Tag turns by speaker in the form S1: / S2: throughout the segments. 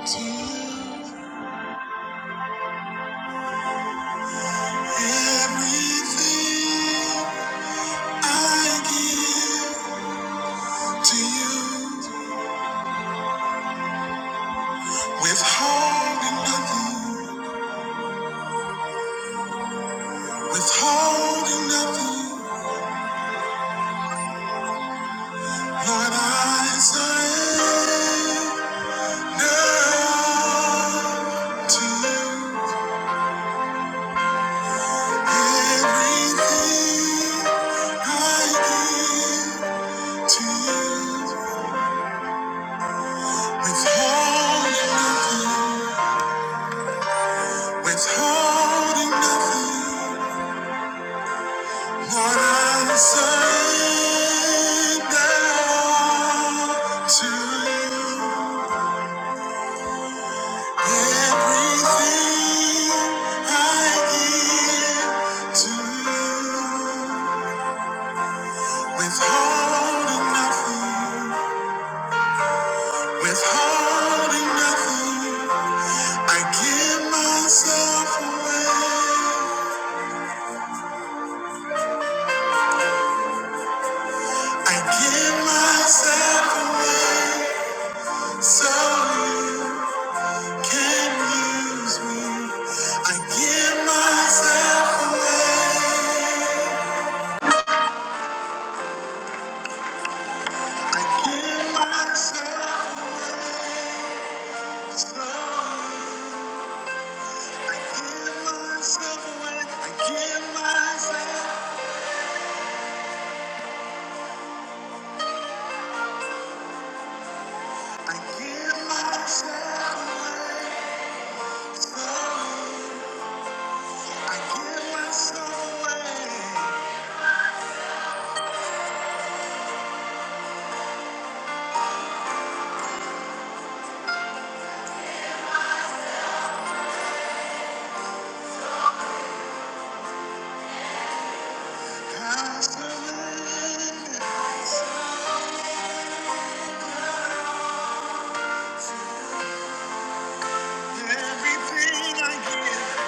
S1: Everything I give to you, withholding nothing, withholding nothing. Lord, I surrender to you. Everything I give to you, withholding nothing, withholding nothing. I give myself away, so you. Can't use me. I give myself away. I give myself slowly. I give myself away. I give myself. I give myself away slowly. I give myself away. I surrender everything I give.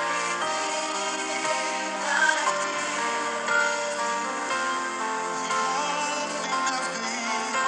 S1: All or nothing.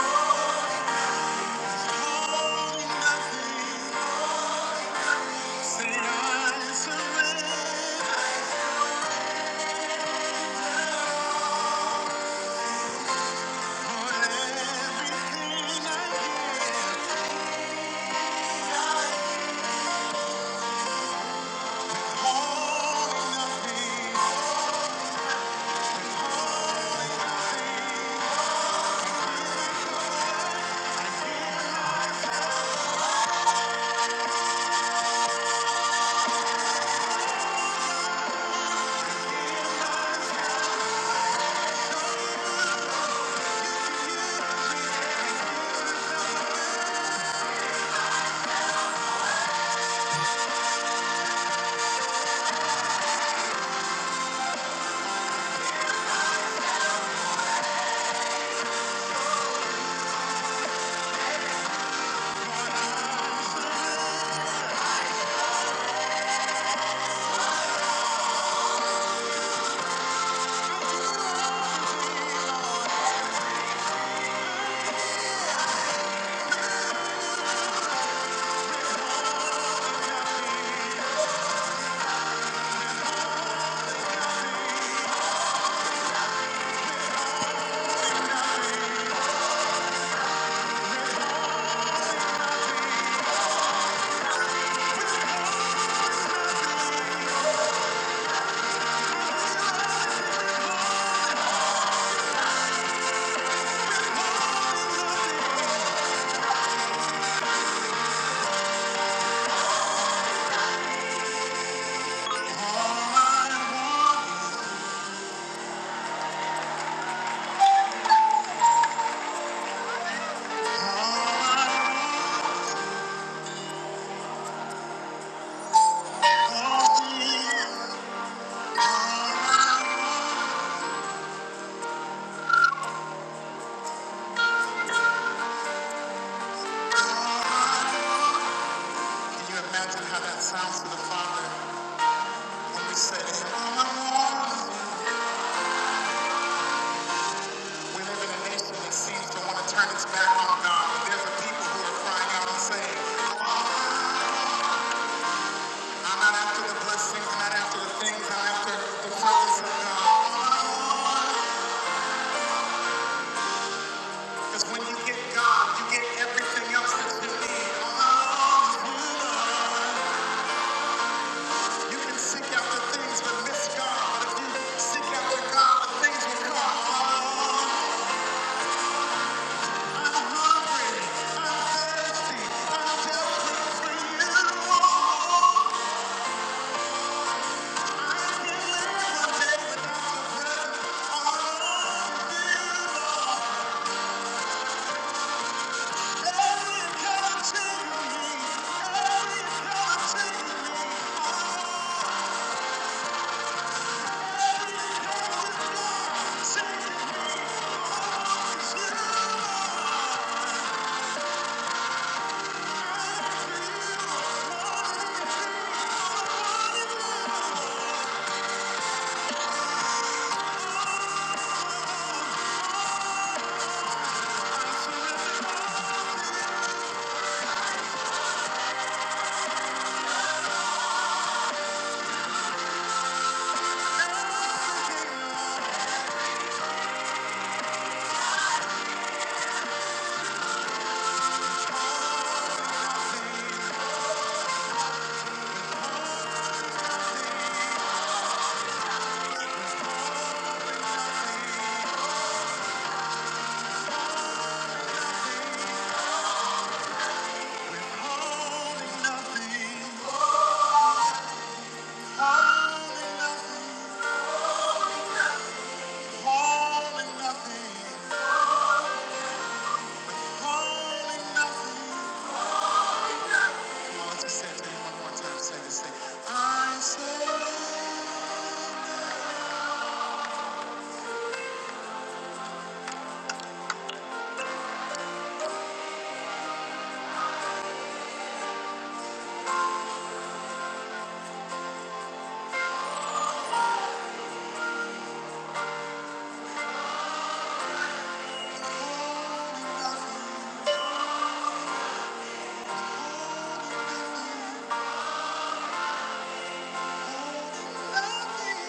S1: Sounds to the Father when we say, We live in a nation that seems to want to turn its back on God. But there's a people who are crying out and saying, I'm not after the blessings, I'm not after the things, I'm after the presence of God. Because when you get God, you get everything else that you need. All You can seek after things but miss God. But if you seek after God, the things will come. Oh, I'm hungry. I'm thirsty. I'm desperate for you. Oh, I can't live one day without all of you. Lord. Every color to me. Every color to me. Oh, come with God. Sing it. Say this thing. I say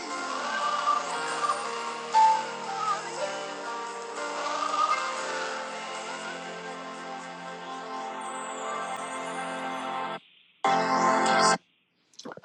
S1: nothing.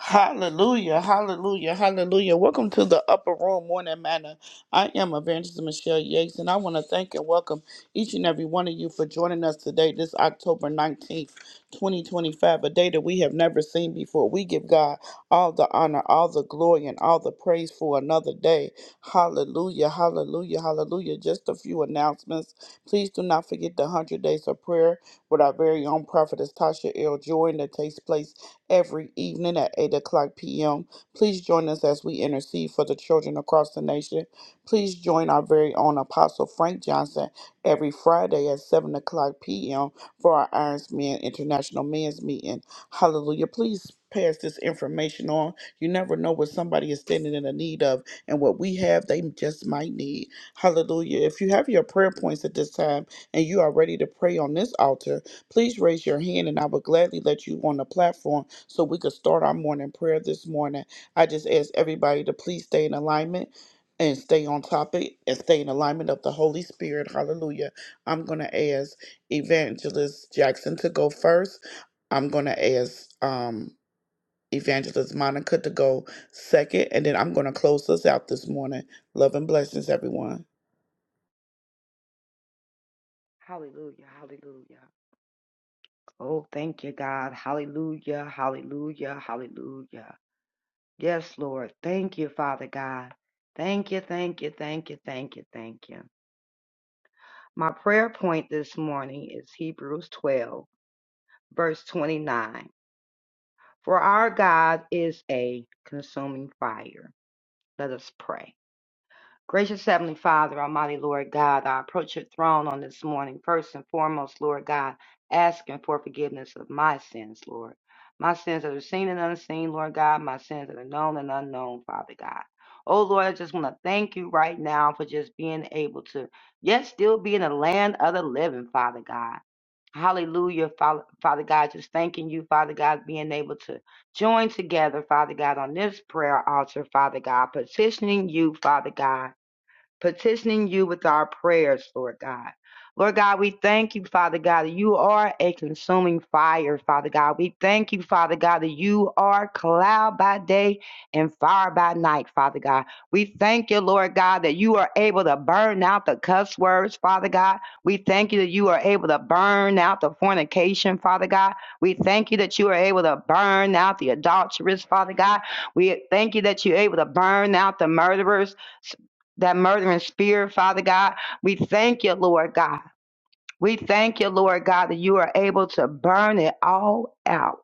S1: Hallelujah, hallelujah, hallelujah. Welcome to the Upper Room Morning Manor. I am Evangelist Michelle Yates, and I want to thank and welcome each and every one of you for joining us today, this October 19th, 2025, a day that we have never seen before. We give God all the honor, all the glory, and all the praise for another day. Hallelujah, hallelujah, hallelujah. Just a few announcements. Please do not forget the 100 Days of Prayer with our very own prophetess Tasha L. Jordan that takes place every evening at 8 o'clock p.m. Please join us as we intercede for the children across the nation. Please join our very own Apostle Frank Johnson every Friday at 7 o'clock p.m. for our Irons Men International Men's Meeting. Hallelujah. Please pass this information on. You never know what somebody is standing in the need of and what we have, they just might need. Hallelujah. If you have your prayer points at this time and you are ready to pray on this altar, please raise your hand and I will gladly let you on the platform so we could start our morning prayer this morning. I just ask everybody to please stay in alignment and stay on topic and stay in alignment of the Holy Spirit. Hallelujah. I'm going to ask Evangelist Jackson to go first. I'm going to ask um, Evangelist Monica to go second. And then I'm going to close us out this morning. Love and blessings, everyone.
S2: Hallelujah. Hallelujah. Oh, thank you, God. Hallelujah. Hallelujah. Hallelujah. Yes, Lord. Thank you, Father God. Thank you. Thank you. Thank you. Thank you. Thank you. My prayer point this morning is Hebrews 12, verse 29. For our God is a consuming fire. Let us pray. Gracious Heavenly Father, Almighty Lord God, I approach your throne on this morning, first and foremost, Lord God, asking for forgiveness of my sins, Lord. My sins that are seen and unseen, Lord God, my sins that are known and unknown, Father God. Oh Lord, I just want to thank you right now for just being able to, yet still be in the land of the living, Father God. Hallelujah, Father, Father God. Just thanking you, Father God, being able to join together, Father God, on this prayer altar, Father God, petitioning you, Father God petitioning you with our prayers, Lord God. Lord God, we thank you, Father God, that you are a consuming fire, Father God. We thank you, Father God, that you are cloud by day and fire by night, Father God. We thank you, Lord God, that you are able to burn out the cuss words, Father God. We thank you that you are able to burn out the fornication, Father God. We thank you that you are able to burn out the adulterers, Father God. We thank you that you're able to burn out the murderers, that murdering spirit, Father God. We thank you, Lord God. We thank you, Lord God, that you are able to burn it all out.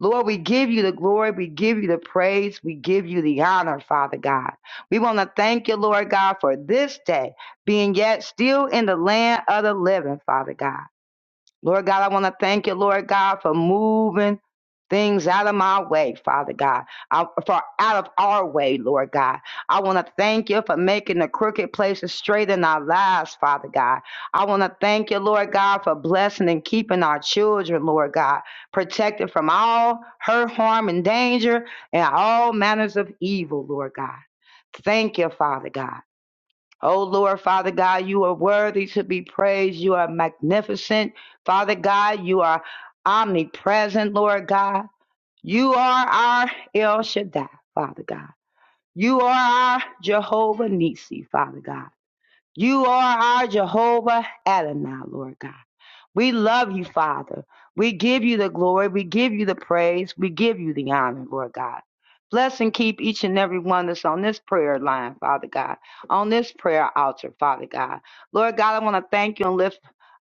S2: Lord, we give you the glory. We give you the praise. We give you the honor, Father God. We want to thank you, Lord God, for this day being yet still in the land of the living, Father God. Lord God, I want to thank you, Lord God, for moving things out of my way, Father God, I- for out of our way, Lord God. I want to thank you for making the crooked places straight in our lives, Father God. I want to thank you, Lord God, for blessing and keeping our children, Lord God, protected from all hurt, harm, and danger and all manners of evil, Lord God. Thank you, Father God. Oh Lord, Father God, you are worthy to be praised. You are magnificent. Father God, you are omnipresent, Lord God. You are our El Shaddai, Father God. You are our Jehovah Nissi, Father God. You are our Jehovah Adonai, Lord God. We love you, Father. We give you the glory. We give you the praise. We give you the honor, Lord God. Bless and keep each and every one that's on this prayer line, Father God, on this prayer altar, Father God. Lord God, I want to thank you and lift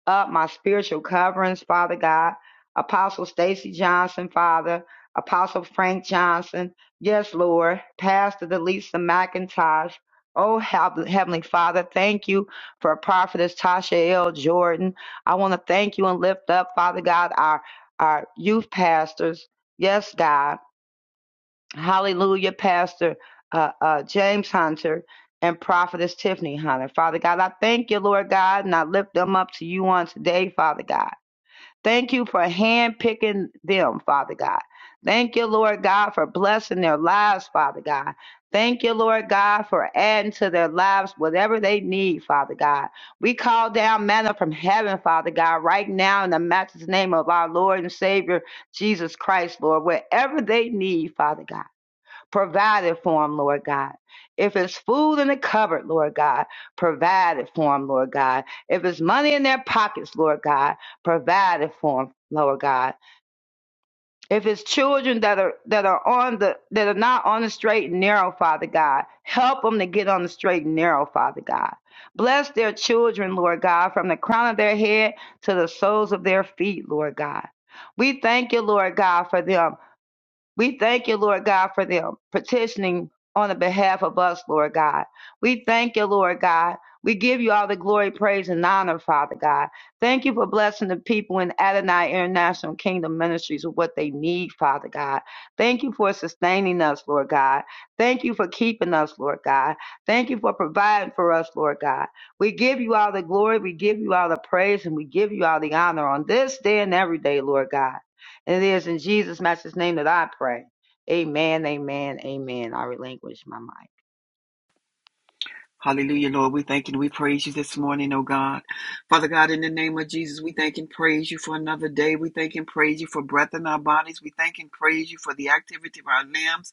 S2: up my spiritual coverings, Father God. Apostle Stacy Johnson, Father. Apostle Frank Johnson. Yes, Lord. Pastor Delisa McIntosh. Oh, Heavenly Father, thank you for Prophetess Tasha L. Jordan. I want to thank you and lift up, Father God, our our youth pastors. Yes, God. Hallelujah, Pastor uh, uh, James Hunter and Prophetess Tiffany Hunter. Father God, I thank you, Lord God, and I lift them up to you on today, Father God. Thank you for handpicking them, Father God. Thank you, Lord God, for blessing their lives, Father God. Thank you, Lord God, for adding to their lives whatever they need, Father God. We call down manna from heaven, Father God, right now in the matchless name of our Lord and Savior, Jesus Christ, Lord, wherever they need, Father God provided for them, Lord God. If it's food in the cupboard, Lord God, provide it for them, Lord God. If it's money in their pockets, Lord God, provide it for them, Lord God. If it's children that are that are on the that are not on the straight and narrow, Father God, help them to get on the straight and narrow, Father God. Bless their children, Lord God, from the crown of their head to the soles of their feet, Lord God. We thank you, Lord God, for them. We thank you, Lord God, for them petitioning on the behalf of us, Lord God. We thank you, Lord God. We give you all the glory, praise, and honor, Father God. Thank you for blessing the people in Adonai International Kingdom Ministries with what they need, Father God. Thank you for sustaining us, Lord God. Thank you for keeping us, Lord God. Thank you for providing for us, Lord God. We give you all the glory, we give you all the praise, and we give you all the honor on this day and every day, Lord God. And It is in Jesus' master's name that I pray. Amen, amen, amen. I relinquish my mic.
S3: Hallelujah, Lord. We thank and we praise you this morning, oh God. Father God, in the name of Jesus, we thank and praise you for another day. We thank and praise you for breath in our bodies. We thank and praise you for the activity of our limbs.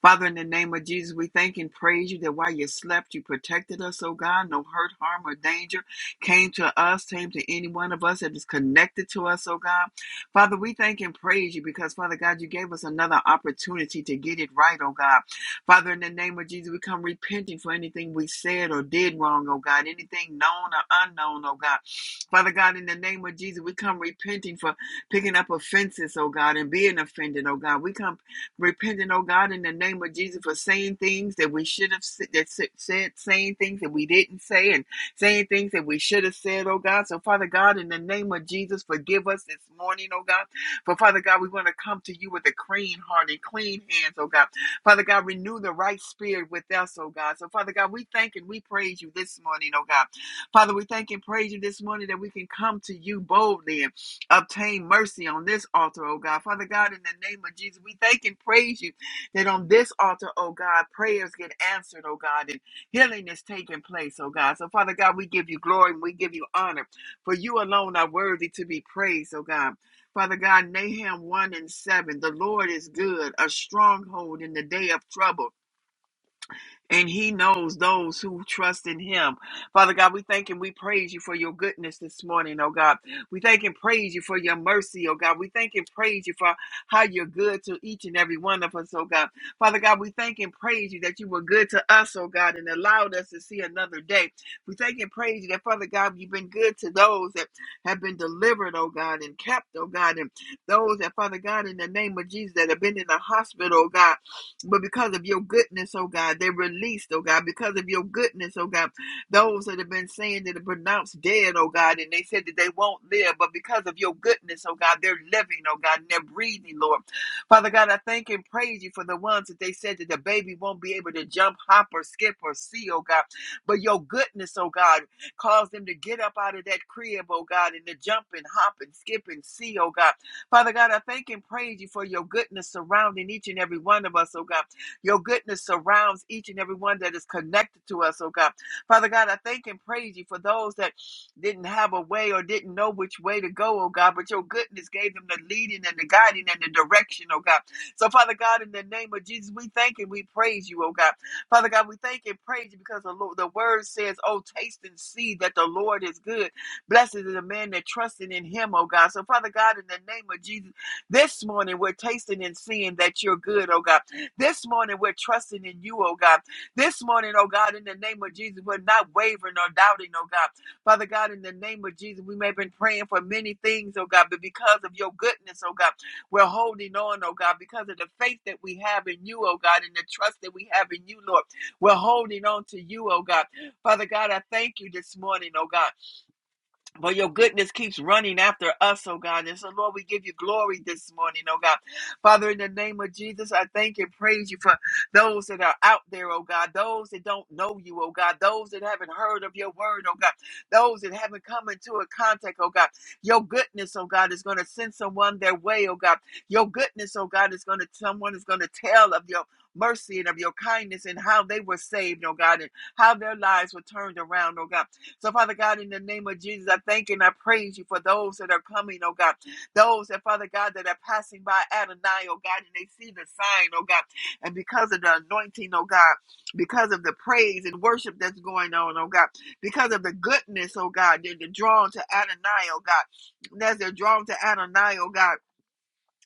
S3: Father, in the name of Jesus, we thank and praise you that while you slept, you protected us, oh God. No hurt, harm, or danger came to us, came to any one of us that is connected to us, oh God. Father, we thank and praise you because, Father God, you gave us another opportunity to get it right, oh God. Father, in the name of Jesus, we come repenting for anything we said or did wrong, oh God, anything known or unknown, oh God. Father God, in the name of Jesus, we come repenting for picking up offenses, oh God, and being offended, oh God. We come repenting, oh God, in the name of Jesus for saying things that we should have that said, saying things that we didn't say, and saying things that we should have said, oh God. So, Father God, in the name of Jesus, forgive us this morning, oh God. For Father God, we want to come to you with a clean heart and clean hands, oh God. Father God, renew the right spirit with us, oh God. So, Father God, we thank and we praise you this morning, oh God. Father, we thank and praise you this morning that we can come to you boldly and obtain mercy on this altar, oh God. Father God, in the name of Jesus, we thank and praise you that on this altar, oh God, prayers get answered, oh God, and healing is taking place, oh God. So, Father God, we give you glory and we give you honor, for you alone are worthy to be praised, oh God. Father God, Nahum 1 and 7, the Lord is good, a stronghold in the day of trouble and he knows those who trust in him. Father God, we thank and we praise you for your goodness this morning, oh God. We thank and praise you for your mercy, oh God. We thank and praise you for how you're good to each and every one of us, oh God. Father God, we thank and praise you that you were good to us, oh God, and allowed us to see another day. We thank and praise you that, Father God, you've been good to those that have been delivered, oh God, and kept, oh God, and those that, Father God, in the name of Jesus, that have been in the hospital, oh God. But because of your goodness, oh God, they released, oh God, because of your goodness, oh God, those that have been saying that are pronounced dead, oh God, and they said that they won't live, but because of your goodness, oh God, they're living, oh God, and they're breathing, Lord. Father God, I thank and praise you for the ones that they said that the baby won't be able to jump, hop, or skip, or see, oh God, but your goodness, oh God, caused them to get up out of that crib, oh God, and to jump and hop and skip and see, oh God. Father God, I thank and praise you for your goodness surrounding each and every one of us, oh God. Your goodness surrounds each and every one that is connected to us, oh God. Father God, I thank and praise you for those that didn't have a way or didn't know which way to go, oh God, but your goodness gave them the leading and the guiding and the direction, oh God. So, Father God, in the name of Jesus, we thank and we praise you, oh God. Father God, we thank and praise you because the, Lord, the word says, Oh, taste and see that the Lord is good. Blessed is the man that trusted in him, oh God. So, Father God, in the name of Jesus, this morning we're tasting and seeing that you're good, oh God. This morning we're trusting in you, oh God. This morning, oh God, in the name of Jesus, we're not wavering or doubting, oh God. Father God, in the name of Jesus, we may have been praying for many things, oh God, but because of your goodness, oh God, we're holding on, oh God, because of the faith that we have in you, oh God, and the trust that we have in you, Lord. We're holding on to you, oh God. Father God, I thank you this morning, oh God. For your goodness keeps running after us, oh God. And so, Lord, we give you glory this morning, oh God. Father, in the name of Jesus, I thank and praise you for those that are out there, oh God. Those that don't know you, oh God. Those that haven't heard of your word, oh God. Those that haven't come into a contact, oh God. Your goodness, oh God, is going to send someone their way, oh God. Your goodness, oh God, is going to, someone is going to tell of your mercy and of your kindness and how they were saved, oh God, and how their lives were turned around, oh God. So, Father God, in the name of Jesus, I thank and I praise you for those that are coming, oh God. Those that, Father God, that are passing by Adonai, oh God, and they see the sign, oh God. And because of the anointing, oh God, because of the praise and worship that's going on, oh God, because of the goodness, oh God, they're, they're drawn to Adonai, oh God. And as they're drawn to Adonai, oh God,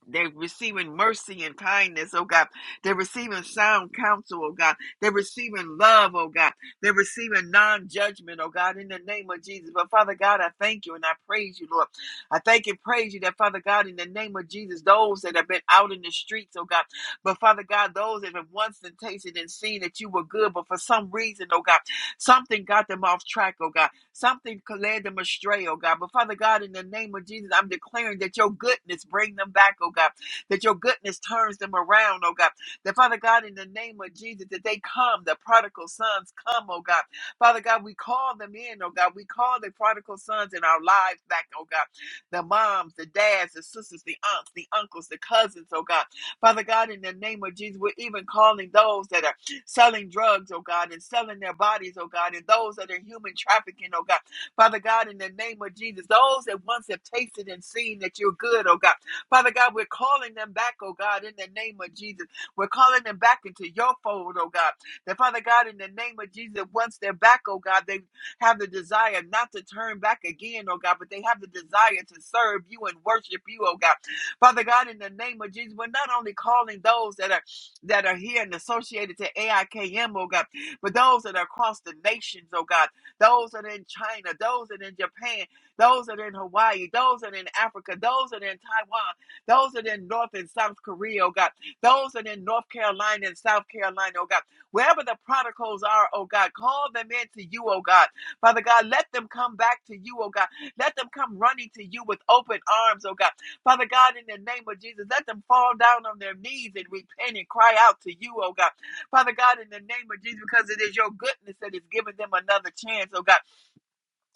S3: they're receiving mercy and kindness, oh God. They're receiving sound counsel, oh God. They're receiving love, oh God. They're receiving non judgment, oh God, in the name of Jesus. But Father God, I thank you and I praise you, Lord. I thank and praise you that, Father God, in the name of Jesus, those that have been out in the streets, oh God. But Father God, those that have once and tasted and seen that you were good, but for some reason, oh God, something got them off track, oh God. Something could lead them astray, oh God. But Father God, in the name of Jesus, I'm declaring that your goodness bring them back, oh God. That your goodness turns them around, oh God. That Father God, in the name of Jesus, that they come, the prodigal sons come, oh God. Father God, we call them in, oh God. We call the prodigal sons in our lives back, oh God. The moms, the dads, the sisters, the aunts, the uncles, the cousins, oh God. Father God, in the name of Jesus, we're even calling those that are selling drugs, oh God, and selling their bodies, oh God, and those that are human trafficking, oh God. Father God, in the name of Jesus, those that once have tasted and seen that you're good, oh God. Father God, we're calling them back, oh God, in the name of Jesus. We're calling them back into your fold, oh God. That Father God, in the name of Jesus, once they're back, oh God, they have the desire not to turn back again, oh God, but they have the desire to serve you and worship you, oh God. Father God, in the name of Jesus, we're not only calling those that are that are here and associated to AIKM, oh God, but those that are across the nations, oh God, those that are in China, those that are in Japan, those that are in Hawaii, those that are in Africa, those that are in Taiwan, those that are in North and South Korea, oh God, those that are in North Carolina and South Carolina, oh God, wherever the prodigals are, oh God, call them into you, oh God. Father God, let them come back to you, oh God. Let them come running to you with open arms, oh God. Father God, in the name of Jesus, let them fall down on their knees and repent and cry out to you, oh God. Father God, in the name of Jesus, because it is your goodness that is giving them another chance, oh God.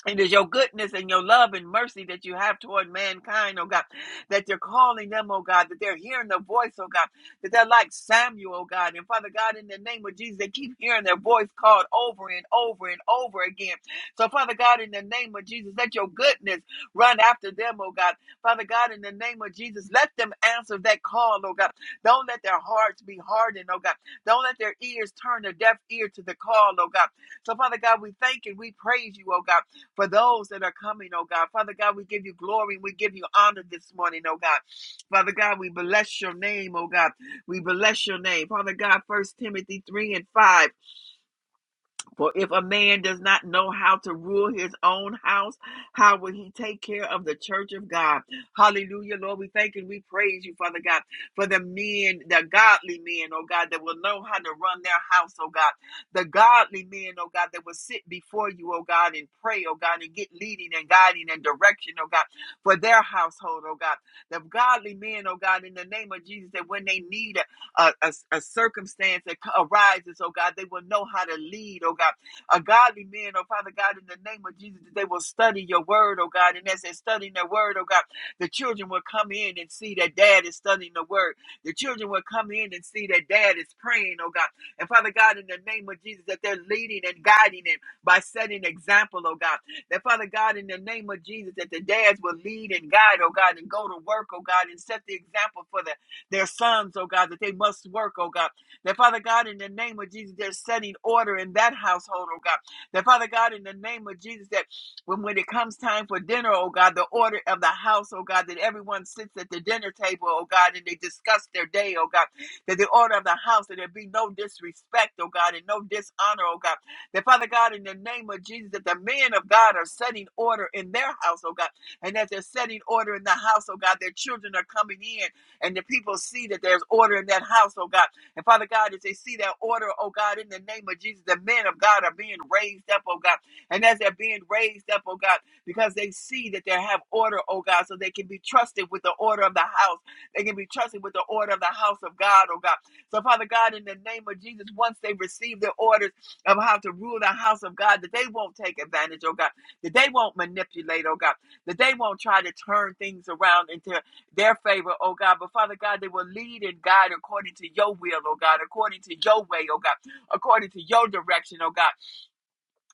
S3: It is your goodness and your love and mercy that you have toward mankind, oh God, that you're calling them, oh God, that they're hearing the voice, oh God, that they're like Samuel, oh God. And Father God, in the name of Jesus, they keep hearing their voice called over and over and over again. So, Father God, in the name of Jesus, let your goodness run after them, oh God. Father God, in the name of Jesus, let them answer that call, oh God. Don't let their hearts be hardened, oh God. Don't let their ears turn a deaf ear to the call, oh God. So, Father God, we thank and we praise you, oh God for those that are coming, oh God. Father God, we give you glory. We give you honor this morning, oh God. Father God, we bless your name, oh God. We bless your name. Father God, First Timothy 3 and 5. For if a man does not know how to rule his own house, how will he take care of the church of God? Hallelujah, Lord. We thank and we praise you, Father God, for the men, the godly men, oh God, that will know how to run their house, oh God. The godly men, oh God, that will sit before you, oh God, and pray, oh God, and get leading and guiding and direction, oh God, for their household, oh God. The godly men, oh God, in the name of Jesus, that when they need a, a, a circumstance that arises, oh God, they will know how to lead, oh God. A godly man, oh Father God, in the name of Jesus, that they will study your word, oh God. And as they're studying their word, oh God, the children will come in and see that dad is studying the word. The children will come in and see that dad is praying, oh God. And Father God, in the name of Jesus, that they're leading and guiding them by setting example, oh God. That Father God, in the name of Jesus, that the dads will lead and guide, oh God, and go to work, oh God, and set the example for the their sons, oh God, that they must work, oh God. That Father God, in the name of Jesus, they're setting order in that household, oh God. That Father God, in the name of Jesus, that when, when it comes time for dinner, oh God, the order of the house, oh God, that everyone sits at the dinner table, oh God, and they discuss their day, oh God. That the order of the house, that there be no disrespect, oh God, and no dishonor, oh God. That Father God, in the name of Jesus, that the men of God are setting order in their house, oh God. And as they're setting order in the house, oh God, their children are coming in and the people see that there's order in that house, oh God. And Father God, as they see that order, oh God, in the name of Jesus, the men of God are being raised up, oh God. And as they're being raised up, oh God, because they see that they have order, oh God, so they can be trusted with the order of the house. They can be trusted with the order of the house of God, oh God. So, Father God, in the name of Jesus, once they receive the orders of how to rule the house of God, that they won't take advantage, oh God, that they won't manipulate, oh God, that they won't try to turn things around into their favor, oh God. But Father God, they will lead and guide according to your will, oh God, according to your way, oh God, according to your direction, oh God.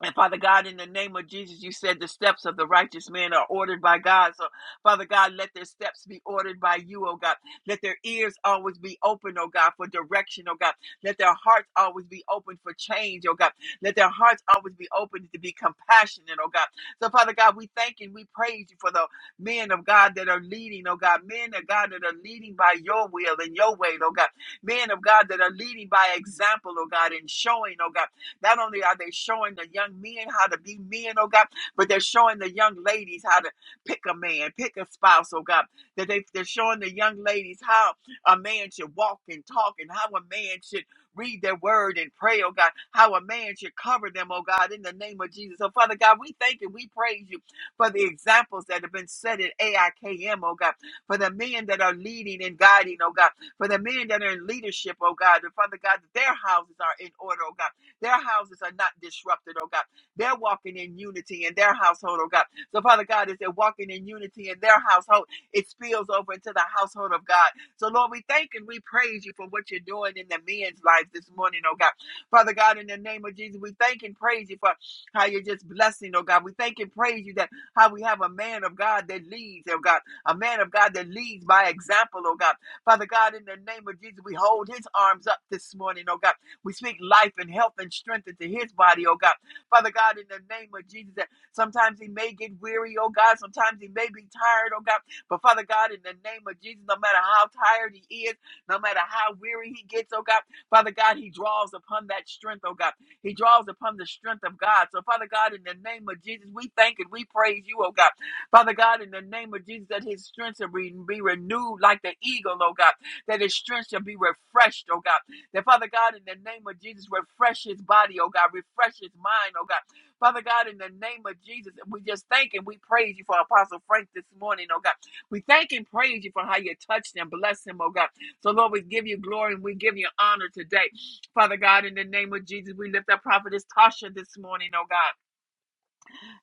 S3: And Father God, in the name of Jesus, you said the steps of the righteous man are ordered by God. So, Father God, let their steps be ordered by you, oh God. Let their ears always be open, oh God, for direction, oh God. Let their hearts always be open for change, oh God. Let their hearts always be open to be compassionate, oh God. So, Father God, we thank and we praise you for the men of God that are leading, oh God. Men of God that are leading by your will and your way, oh God. Men of God that are leading by example, oh God, and showing, oh God. Not only are they showing the young men how to be men, oh God, but they're showing the young ladies how to pick a man, pick a spouse, oh God. That they, they're showing the young ladies how a man should walk and talk and how a man should read their word and pray, oh God, how a man should cover them, oh God, in the name of Jesus. So, Father God, we thank you, we praise you for the examples that have been set at AIKM, oh God, for the men that are leading and guiding, oh God, for the men that are in leadership, oh God, and Father God, that their houses are in order, oh God. Their houses are not disrupted, oh God. They're walking in unity in their household, oh God. So, Father God, as they're walking in unity in their household, it spills over into the household of God. So, Lord, we thank and we praise you for what you're doing in the men's lives this morning, oh God. Father God, in the name of Jesus, we thank and praise you for how you're just blessing, oh God. We thank and praise you that how we have a man of God that leads, oh God, a man of God that leads by example, oh God. Father God, in the name of Jesus, we hold his arms up this morning, oh God. We speak life and health and strength into his body, oh God. Father God, in the name of Jesus, that sometimes he may get weary, oh God. Sometimes he may be tired, oh God. But Father God, in the name of Jesus, no matter how tired he is, no matter how weary he gets, oh God, Father God, he draws upon that strength, oh God. He draws upon the strength of God. So, Father God, in the name of Jesus, we thank and we praise you, oh God. Father God, in the name of Jesus, that his strength shall be, renewed like the eagle, oh God. That his strength shall be refreshed, oh God. That Father God, in the name of Jesus, refresh his body, oh God, refresh his mind, oh God. Father God, in the name of Jesus, we just thank and we praise you for Apostle Frank this morning, oh God. We thank and praise you for how you touched and blessed him, oh God. So, Lord, we give you glory and we give you honor today. Father God, in the name of Jesus, we lift up Prophetess Tasha this morning, oh God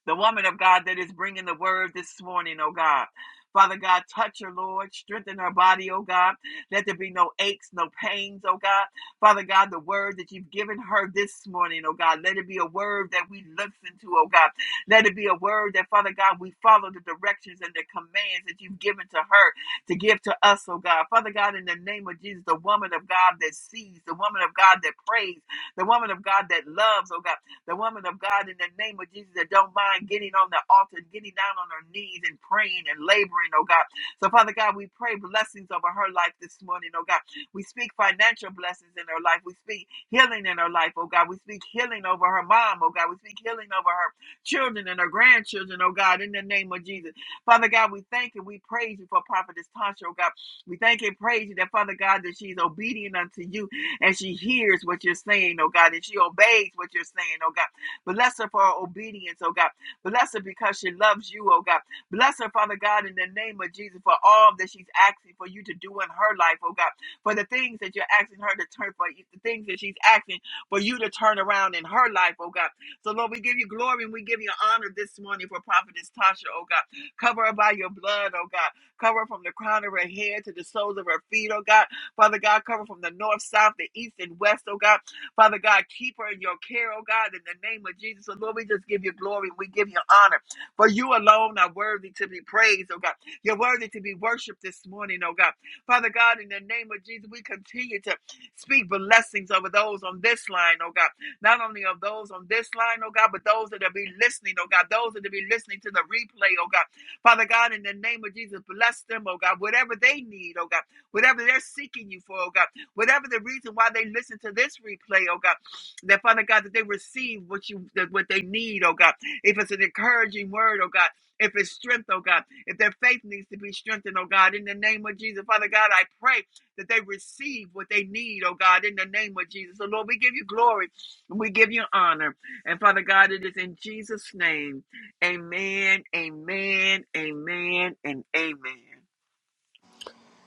S3: the woman of God that is bringing the word this morning, oh God. Father God, touch her, Lord. Strengthen her body, oh God. Let there be no aches, no pains, oh God. Father God, the word that you've given her this morning, oh God, let it be a word that we listen to, oh God. Let it be a word that, Father God, we follow the directions and the commands that you've given to her to give to us, oh God. Father God, in the name of Jesus, the woman of God that sees, the woman of God that prays, the woman of God that loves, oh God the woman of God in the name of Jesus that don't mind getting on the altar, getting down on her knees and praying and laboring, oh God. So, Father God, we pray blessings over her life this morning, oh God. We speak financial blessings in her life. We speak healing in her life, oh God. We speak healing over her mom, oh God. We speak healing over her children and her grandchildren, oh God, in the name of Jesus. Father God, we thank you. We praise you for Prophetess Tasha, oh God. We thank and praise you that, Father God, that she's obedient unto you and she hears what you're saying, oh God, and she obeys what you're saying, oh God. Bless her for her obedience, oh God. Bless her because she loves you, oh God. Bless her, Father God, in the name of Jesus, for all that she's asking for you to do in her life, oh God. For the things that you're asking her to turn for the things that she's asking for you to turn around in her life, oh God. So, Lord, we give you glory and we give you honor this morning for Prophetess Tasha, oh God. Cover her by your blood, oh God. Cover her from the crown of her head to the soles of her feet, oh God. Father God, cover from the north, south, the east, and west, oh God. Father God, keep her in your care, oh God, in the name of Jesus. So Lord, we just give you glory. We give you honor. For you alone are worthy to be praised, oh God. You're worthy to be worshiped this morning, oh God. Father God, in the name of Jesus, we continue to speak blessings over those on this line, oh God. Not only of those on this line, oh God, but those that will be listening, oh God. Those that will be listening to the replay, oh God. Father God, in the name of Jesus, bless them, oh God. Whatever they need, oh God whatever they're seeking you for, oh God, whatever the reason why they listen to this replay, oh God, that Father God, that they receive what you that what they need, oh God. If it's an encouraging word, oh God, if it's strength, oh God, if their faith needs to be strengthened, oh God, in the name of Jesus, Father God, I pray that they receive what they need, oh God, in the name of Jesus. So Lord, we give you glory and we give you honor. And Father God, it is in Jesus' name. Amen, amen, amen, and amen.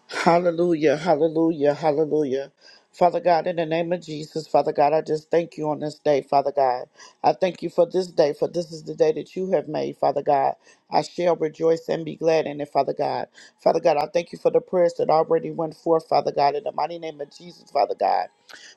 S1: Hallelujah, hallelujah, hallelujah. Father God, in the name of Jesus, Father God, I just thank you on this day, Father God. I thank you for this day, for this is the day that you have made, Father God. I shall rejoice and be glad in it, Father God. Father God, I thank you for the prayers that already went forth, Father God, in the mighty name of Jesus, Father God.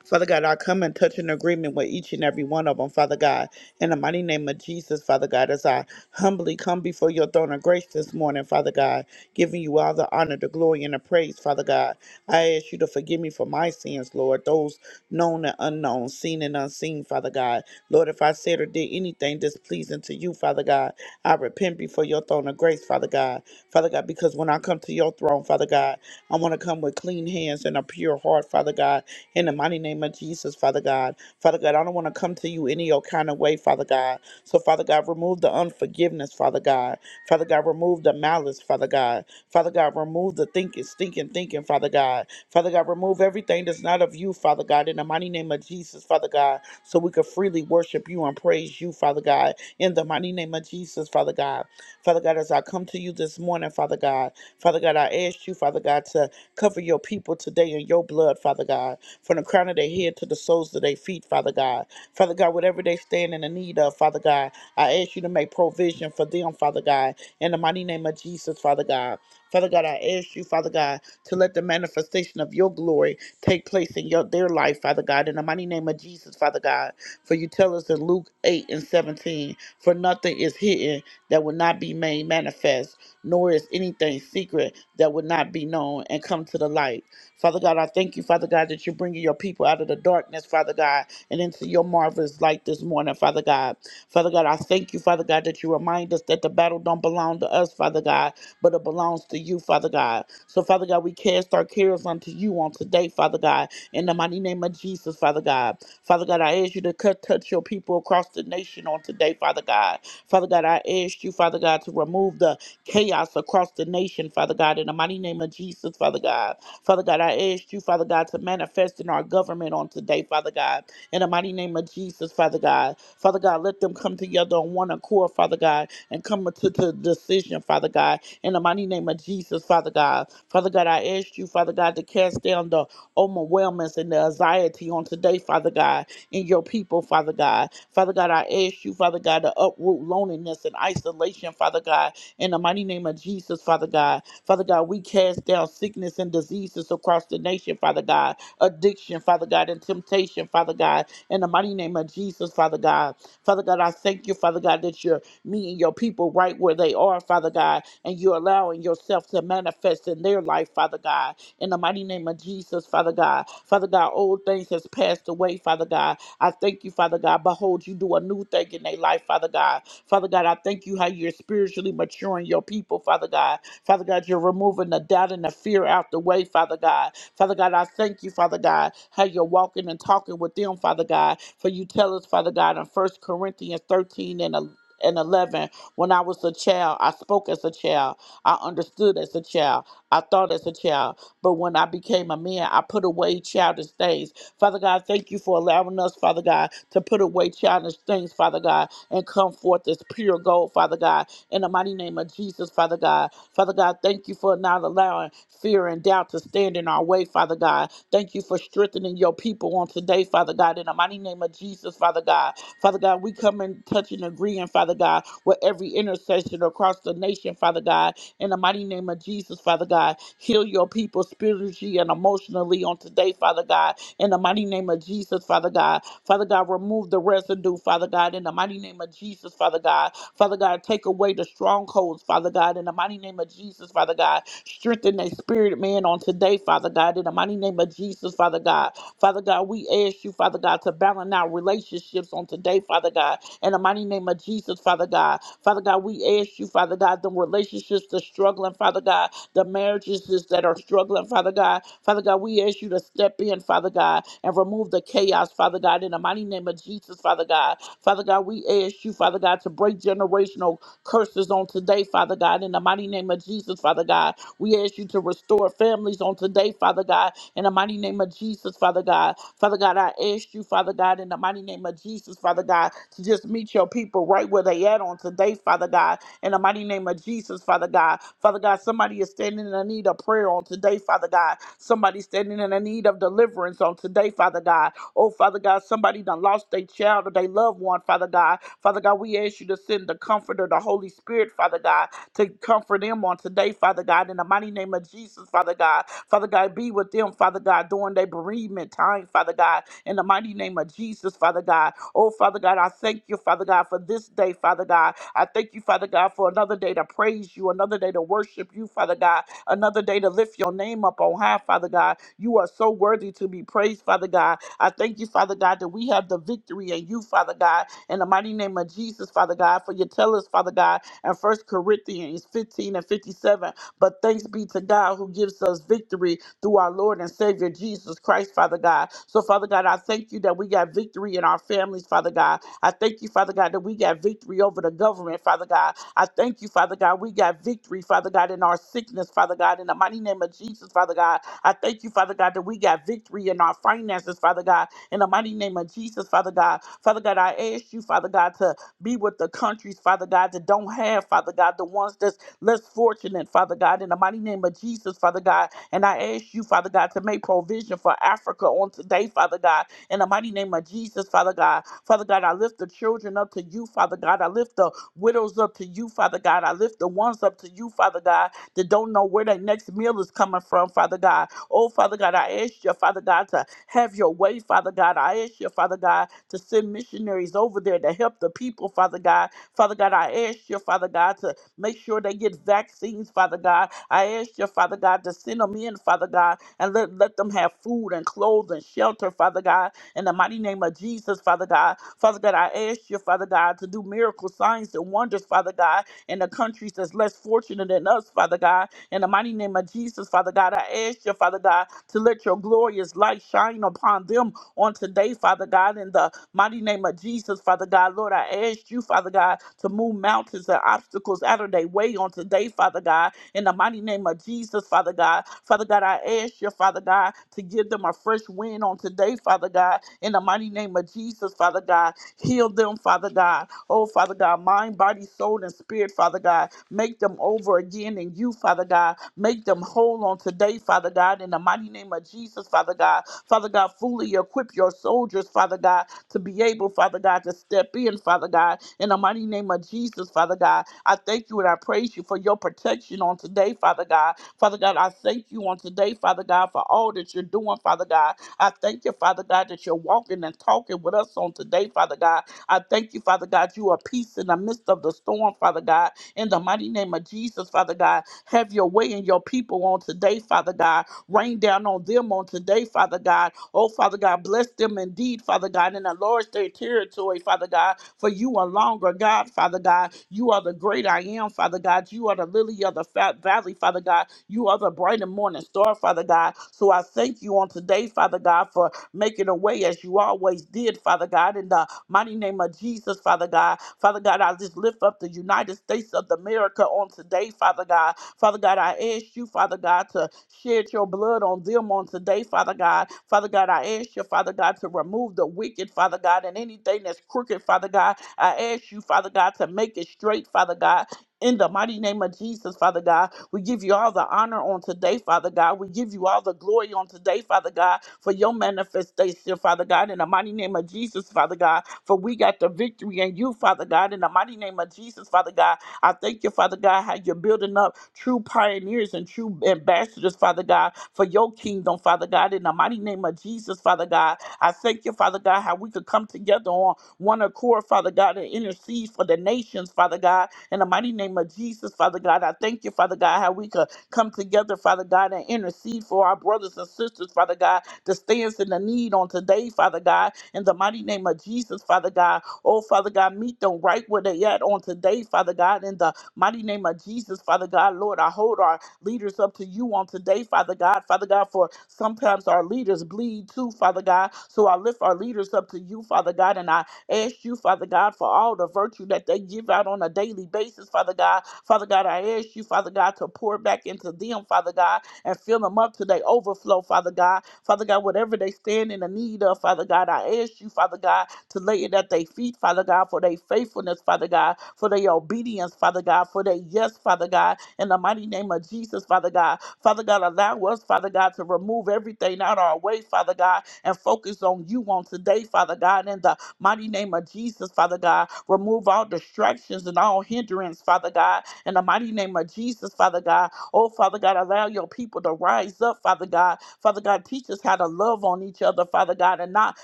S1: Father God, I come and touch an agreement with each and every one of them, Father God. In the mighty name of Jesus, Father God, as I humbly come before your throne of grace this morning, Father God giving you all the honor, the glory, and the praise, Father God. I ask you to forgive me for my sins, Lord, those known and unknown, seen and unseen, Father God. Lord, if I said or did anything displeasing to you, Father God, I repent before your throne of grace, Father God. Father God, because when I come to your throne, Father God, I want to come with clean hands and a pure heart, Father God, in the mighty name of Jesus, Father God. Father God, I don't want to come to you any old kind of way, Father God. So, Father God, remove the unforgiveness, Father God. Father God, remove the malice, Father God. Father God, remove the thinking, stinking thinking, Father God. Father God, remove everything that's not of you, Father God, in the mighty name of Jesus, Father God, so we can freely worship you and praise you, Father God, in the mighty name of Jesus, Father God. Father God, as I come to you this morning, Father God, Father God, I ask you, Father God, to cover your people today in your blood, Father God, from the crown of their head to the soles of their feet, Father God. Father God, whatever they stand in the need of, Father God, I ask you to make provision for them, Father God, in the mighty name of Jesus, Father God. Father God, I ask you, Father God, to let the manifestation of your glory take place in your their life, Father God, in the mighty name of Jesus, Father God. For you tell us in Luke 8 and 17, for nothing is hidden that will not be made manifest, nor is anything secret that will not be known and come to the light. Father God, I thank you, Father God, that you're bringing your people out of the darkness, Father God, and into your marvelous light this morning, Father God. Father God, I thank you, Father God, that you remind us that the battle don't belong to us, Father God, but it belongs to you, Father God. So, Father God, we cast our cares unto you on today, Father God, in the mighty name of Jesus, Father God. Father God, I ask you to cut, touch your people across the nation on today, Father God. Father God, I ask you, Father God, to remove the chaos across the nation, Father God, in the mighty name of Jesus, Father God. Father God, I ask you, Father God, to manifest in our government on today, Father God, in the mighty name of Jesus, Father God. Father God, let them come together on one accord, Father God, and come to the decision, Father God, in the mighty name of Jesus, Father God. Father God, I ask you, Father God, to cast down the overwhelmness and the anxiety on today, Father God, in your people, Father God. Father God, I ask you, Father God, to uproot loneliness and isolation, Father God, in the mighty name of Jesus, Father God. Father God, we cast down sickness and diseases across the nation, Father God, addiction, Father God, and temptation, Father God, in the mighty name of Jesus, Father God. Father God, I thank you, Father God, that you're me and your people right where they are, Father God, and you're allowing yourself to manifest in their life, Father God. In the mighty name of Jesus, Father God. Father God, old things has passed away, Father God. I thank you, Father God. Behold, you do a new thing in their life, Father God. Father God, I thank you how you're spiritually maturing your people, Father God. Father God, you're removing the doubt and the fear out the way, Father God. Father God, I thank you, Father God, how you're walking and talking with them, Father God. For you tell us, Father God, in 1 Corinthians 13 and 11 and 11 when I was a child. I spoke as a child. I understood as a child. I thought as a child. But when I became a man, I put away childish things. Father God, thank you for allowing us, Father God, to put away childish things, Father God, and come forth as pure gold, Father God in the mighty name of Jesus, Father God. Father God, thank you for not allowing fear and doubt to stand in our way, Father God. Thank you for strengthening your people on today, Father God, in the mighty name of Jesus, Father God. Father God, we come and touch and agreeing, Father God, with every intercession across the nation, Father God, in the mighty name of Jesus, Father God. Heal your people spiritually and emotionally on today, Father God, in the mighty name of Jesus, Father God. Father God, remove the residue, Father God, in the mighty name of Jesus, Father God. Father God, take away take away the strongholds, Father God, in the mighty name of Jesus, Father God. Strengthen their spirit, man, on today, Father God, in the mighty name of Jesus, Father God. Father God, we ask you, Father God, to balance our relationships on today, Father God, in the mighty name of Jesus, Father God. Father God, we ask you, Father God, the relationships that's struggling, Father God, the marriages is- that are struggling, Father God. Father God, we ask you to step in, Father God, and remove the chaos, Father God, in the mighty name of Jesus, Father God. Father God, we ask you, Father God, to break generational curses on today, Father God. In the mighty name of Jesus, Father God, we ask you to restore families on today, Father God. In the mighty name of Jesus, Father God. Father God, I ask you, Father God, in the mighty name of Jesus, Father God, to just meet your people right where they at on today, Father God. In the mighty name of Jesus, Father God. Father God, somebody is standing in the need of prayer on today, Father God. Somebody standing in the need of deliverance on today, Father God. Oh, Father God, somebody done lost their child or their loved one, Father God. Father God, we ask you to send the comforter, the Holy Spirit, Father God, to comfort them on today, Father God, in the mighty name of Jesus, Father God. Father God, be with them, Father God, during their bereavement time, Father God, in the mighty name of Jesus, Father God. Oh, Father God, I thank you, Father God, for this day, Father God. I thank you, Father God, for another day to praise you, another day to worship you, Father God, another day to lift your name up on high, Father God. You are so worthy to be praised, Father God. I thank you, Father God, that we have the victory in you, Father God, in the mighty name of Jesus, Father God, for you tell us, Father God, in First Corinthians 15 and 57, but thanks be to God who gives us victory through our Lord and Savior Jesus Christ, Father God. So, Father God, I thank you that we got victory in our families, Father God. I thank you, Father God, that we got victory over the government, Father God. I thank you, Father God, we got victory, Father God, in our sickness, Father God, in the mighty name of Jesus, Father God. I thank you, Father God, that we got victory in our finances, Father God, in the mighty name of Jesus, Father God. Father God, I ask you, Father God, to be with the countries, Father God, that don't have, Father God, the ones that's less fortunate, Father God, in the mighty name of Jesus, Father God. And I ask you, Father God, to make provision for Africa on today, Father God, in the mighty name of Jesus, Father God. Father God, I lift the children up to you, Father God. I lift the widows up to you, Father God. I lift the ones up to you, Father God, that don't know where their next meal is coming from, Father God. Oh, Father God, I ask you, Father God, to have your way, Father God. I ask you, Father God, to send missionaries over there to help the people, Father God. Father God, I ask you, Father God, to Make sure they get vaccines, Father God. I ask you, Father God, to send them in, Father God, and let, let them have food and clothes and shelter, Father God, in the mighty name of Jesus, Father God. Father God, I ask you, Father God, to do miracle signs and wonders, Father God, in the countries that's less fortunate than us, Father God. In the mighty name of Jesus, Father God, I ask you, Father God, to let your glorious light shine upon them on today, Father God, in the mighty name of Jesus, Father God. Lord, I ask you, Father God, to move mountains and obstacles out of their way on today, Father God, in the mighty name of Jesus, Father God. Father God, I ask you, Father God, to give them a fresh wind. on today, Father God, in the mighty name of Jesus, Father God. Heal them, Father God. Oh, Father God, mind, body, soul, and spirit, Father God. Make them over again in you, Father God. Make them whole on today, Father God, in the mighty name of Jesus, Father God. Father God, fully equip your soldiers, Father God, to be able, Father God, God, to step in, Father God, in the mighty name of Jesus, Father God. I thank you and I praise you for your protection on today, Father God. Father God, I thank you on today, Father God, for all that you're doing, Father God. I thank you, Father God, that you're walking and talking with us on today, Father God. I thank you, Father God, you are peace in the midst of the storm, Father God. In the mighty name of Jesus, Father God, have your way in your people on today, Father God. Rain down on them on today, Father God. Oh, Father God, bless them indeed, Father God, and enlarge their territory, Father God. For you are longer, God, Father God. You are the great I am, Father God. You are the lily of the fat valley, Father God. You are the bright and morning star, Father God. So I thank you on today, Father God, for making a way as you always did, Father God. In the mighty name of Jesus, Father God. Father God, I just lift up the United States of America on today, Father God. Father God, I ask you, Father God, to shed your blood on them on today, Father God. Father God, I ask you, Father God, to remove the wicked, Father God, and anything that's crooked, Father God. I ask you, Father God, to make it straight, Father God. In the mighty name of Jesus, Father God. We give you all the honor on today, Father God. We give you all the glory on today, Father God, for your manifestation, Father God, in the mighty name of Jesus, Father God. For we got the victory in you, Father God, in the mighty name of Jesus, Father God. I thank you, Father God, how you're building up true pioneers and true ambassadors, Father God, for your kingdom, Father God, in the mighty name of Jesus, Father God. I thank you, Father God, how we could come together on one accord, Father God, and intercede for the nations, Father God, in the mighty name of Jesus, Father God, I thank you, Father God, how we could come together, Father God, and intercede for our brothers and sisters, Father God, that stands in the need on today, Father God. In the mighty name of Jesus, Father God. Oh, Father God, meet them right where they at on today, Father God. In the mighty name of Jesus, Father God, Lord, I hold our leaders up to you on today, Father God. Father God, for sometimes our leaders bleed too, Father God. So I lift our leaders up to you, Father God, and I ask you, Father God, for all the virtue that they give out on a daily basis, Father God. Father God, I ask you, Father God, to pour back into them, Father God, and fill them up to their overflow, Father God. Father God, whatever they stand in the need of, Father God, I ask you, Father God, to lay it at their feet, Father God, for their faithfulness, Father God, for their obedience, Father God, for their yes, Father God, in the mighty name of Jesus, Father God. Father God, allow us, Father God, to remove everything out our way, Father God, and focus on you on today, Father God, in the mighty name of Jesus, Father God. Remove all distractions and all hindrance, Father God, in the mighty name of Jesus, Father God. Oh, Father God, allow your people to rise up, Father God. Father God, teach us how to love on each other, Father God, and not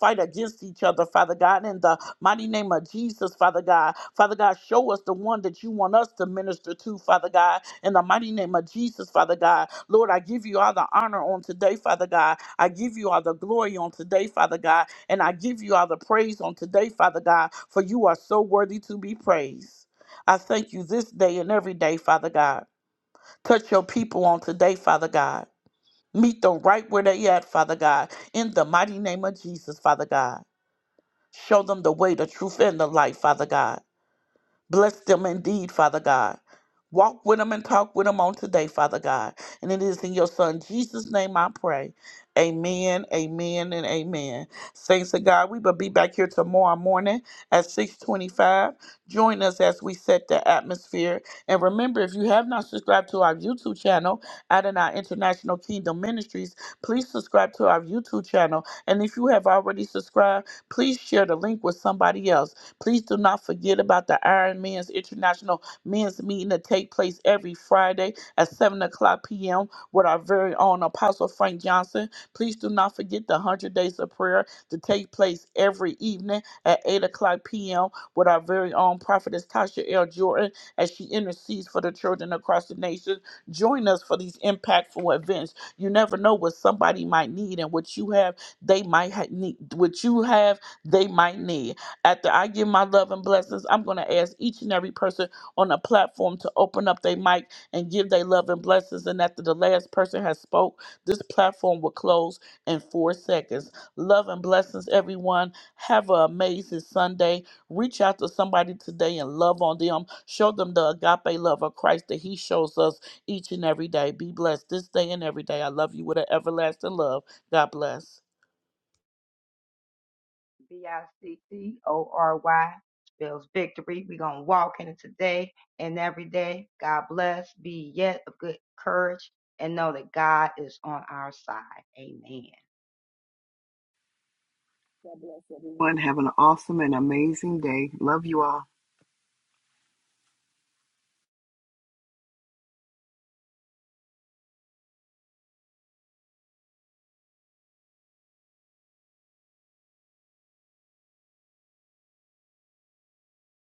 S1: fight against each other, Father God, in the mighty name of Jesus, Father God. Father God, show us the one that you want us to minister to, Father God, in the mighty name of Jesus, Father God. Lord, I give you all the honor on today, Father God. I give you all the glory on today, Father God, and I give you all the praise on today, Father God, for you are so worthy to be praised. I thank you this day and every day, Father God. Touch your people on today, Father God. Meet them right where they at, Father God, in the mighty name of Jesus, Father God. Show them the way, the truth, and the light, Father God. Bless them indeed, Father God. Walk with them and talk with them on today, Father God. And it is in your Son Jesus' name I pray. Amen, amen, and amen. Saints of God, we will be back here tomorrow morning at 625. Join us as we set the atmosphere. And remember, if you have not subscribed to our YouTube channel, Adonai International Kingdom Ministries, please subscribe to our YouTube channel. And if you have already subscribed, please share the link with somebody else Please do not forget about the Iron Man's International Men's Meeting that take place every Friday at 7 o'clock p.m. with our very own Apostle Frank Johnson. Please do not forget the 100 Days of Prayer to take place every evening at 8 o'clock p.m. with our very own prophetess Tasha L. Jordan as she intercedes for the children across the nation. Join us for these impactful events. You never know what somebody might need and what you have, they might ha- need. What you have, they might need. After I give my love and blessings, I'm going to ask each and every person on the platform to open up their mic and give their love and blessings. And after the last person has spoke, this platform will close in four seconds. Love and blessings, everyone. Have an amazing Sunday. Reach out to somebody today and love on them. Show them the agape love of Christ that He shows us each and every day. Be blessed this day and every day. I love you with an everlasting love. God bless.
S2: B I C C O R Y spells victory. We're going to walk in it today and every day. God bless. Be yet of good courage and know that God is on our side. Amen.
S3: God bless everyone. Have an awesome and amazing day. Love you all.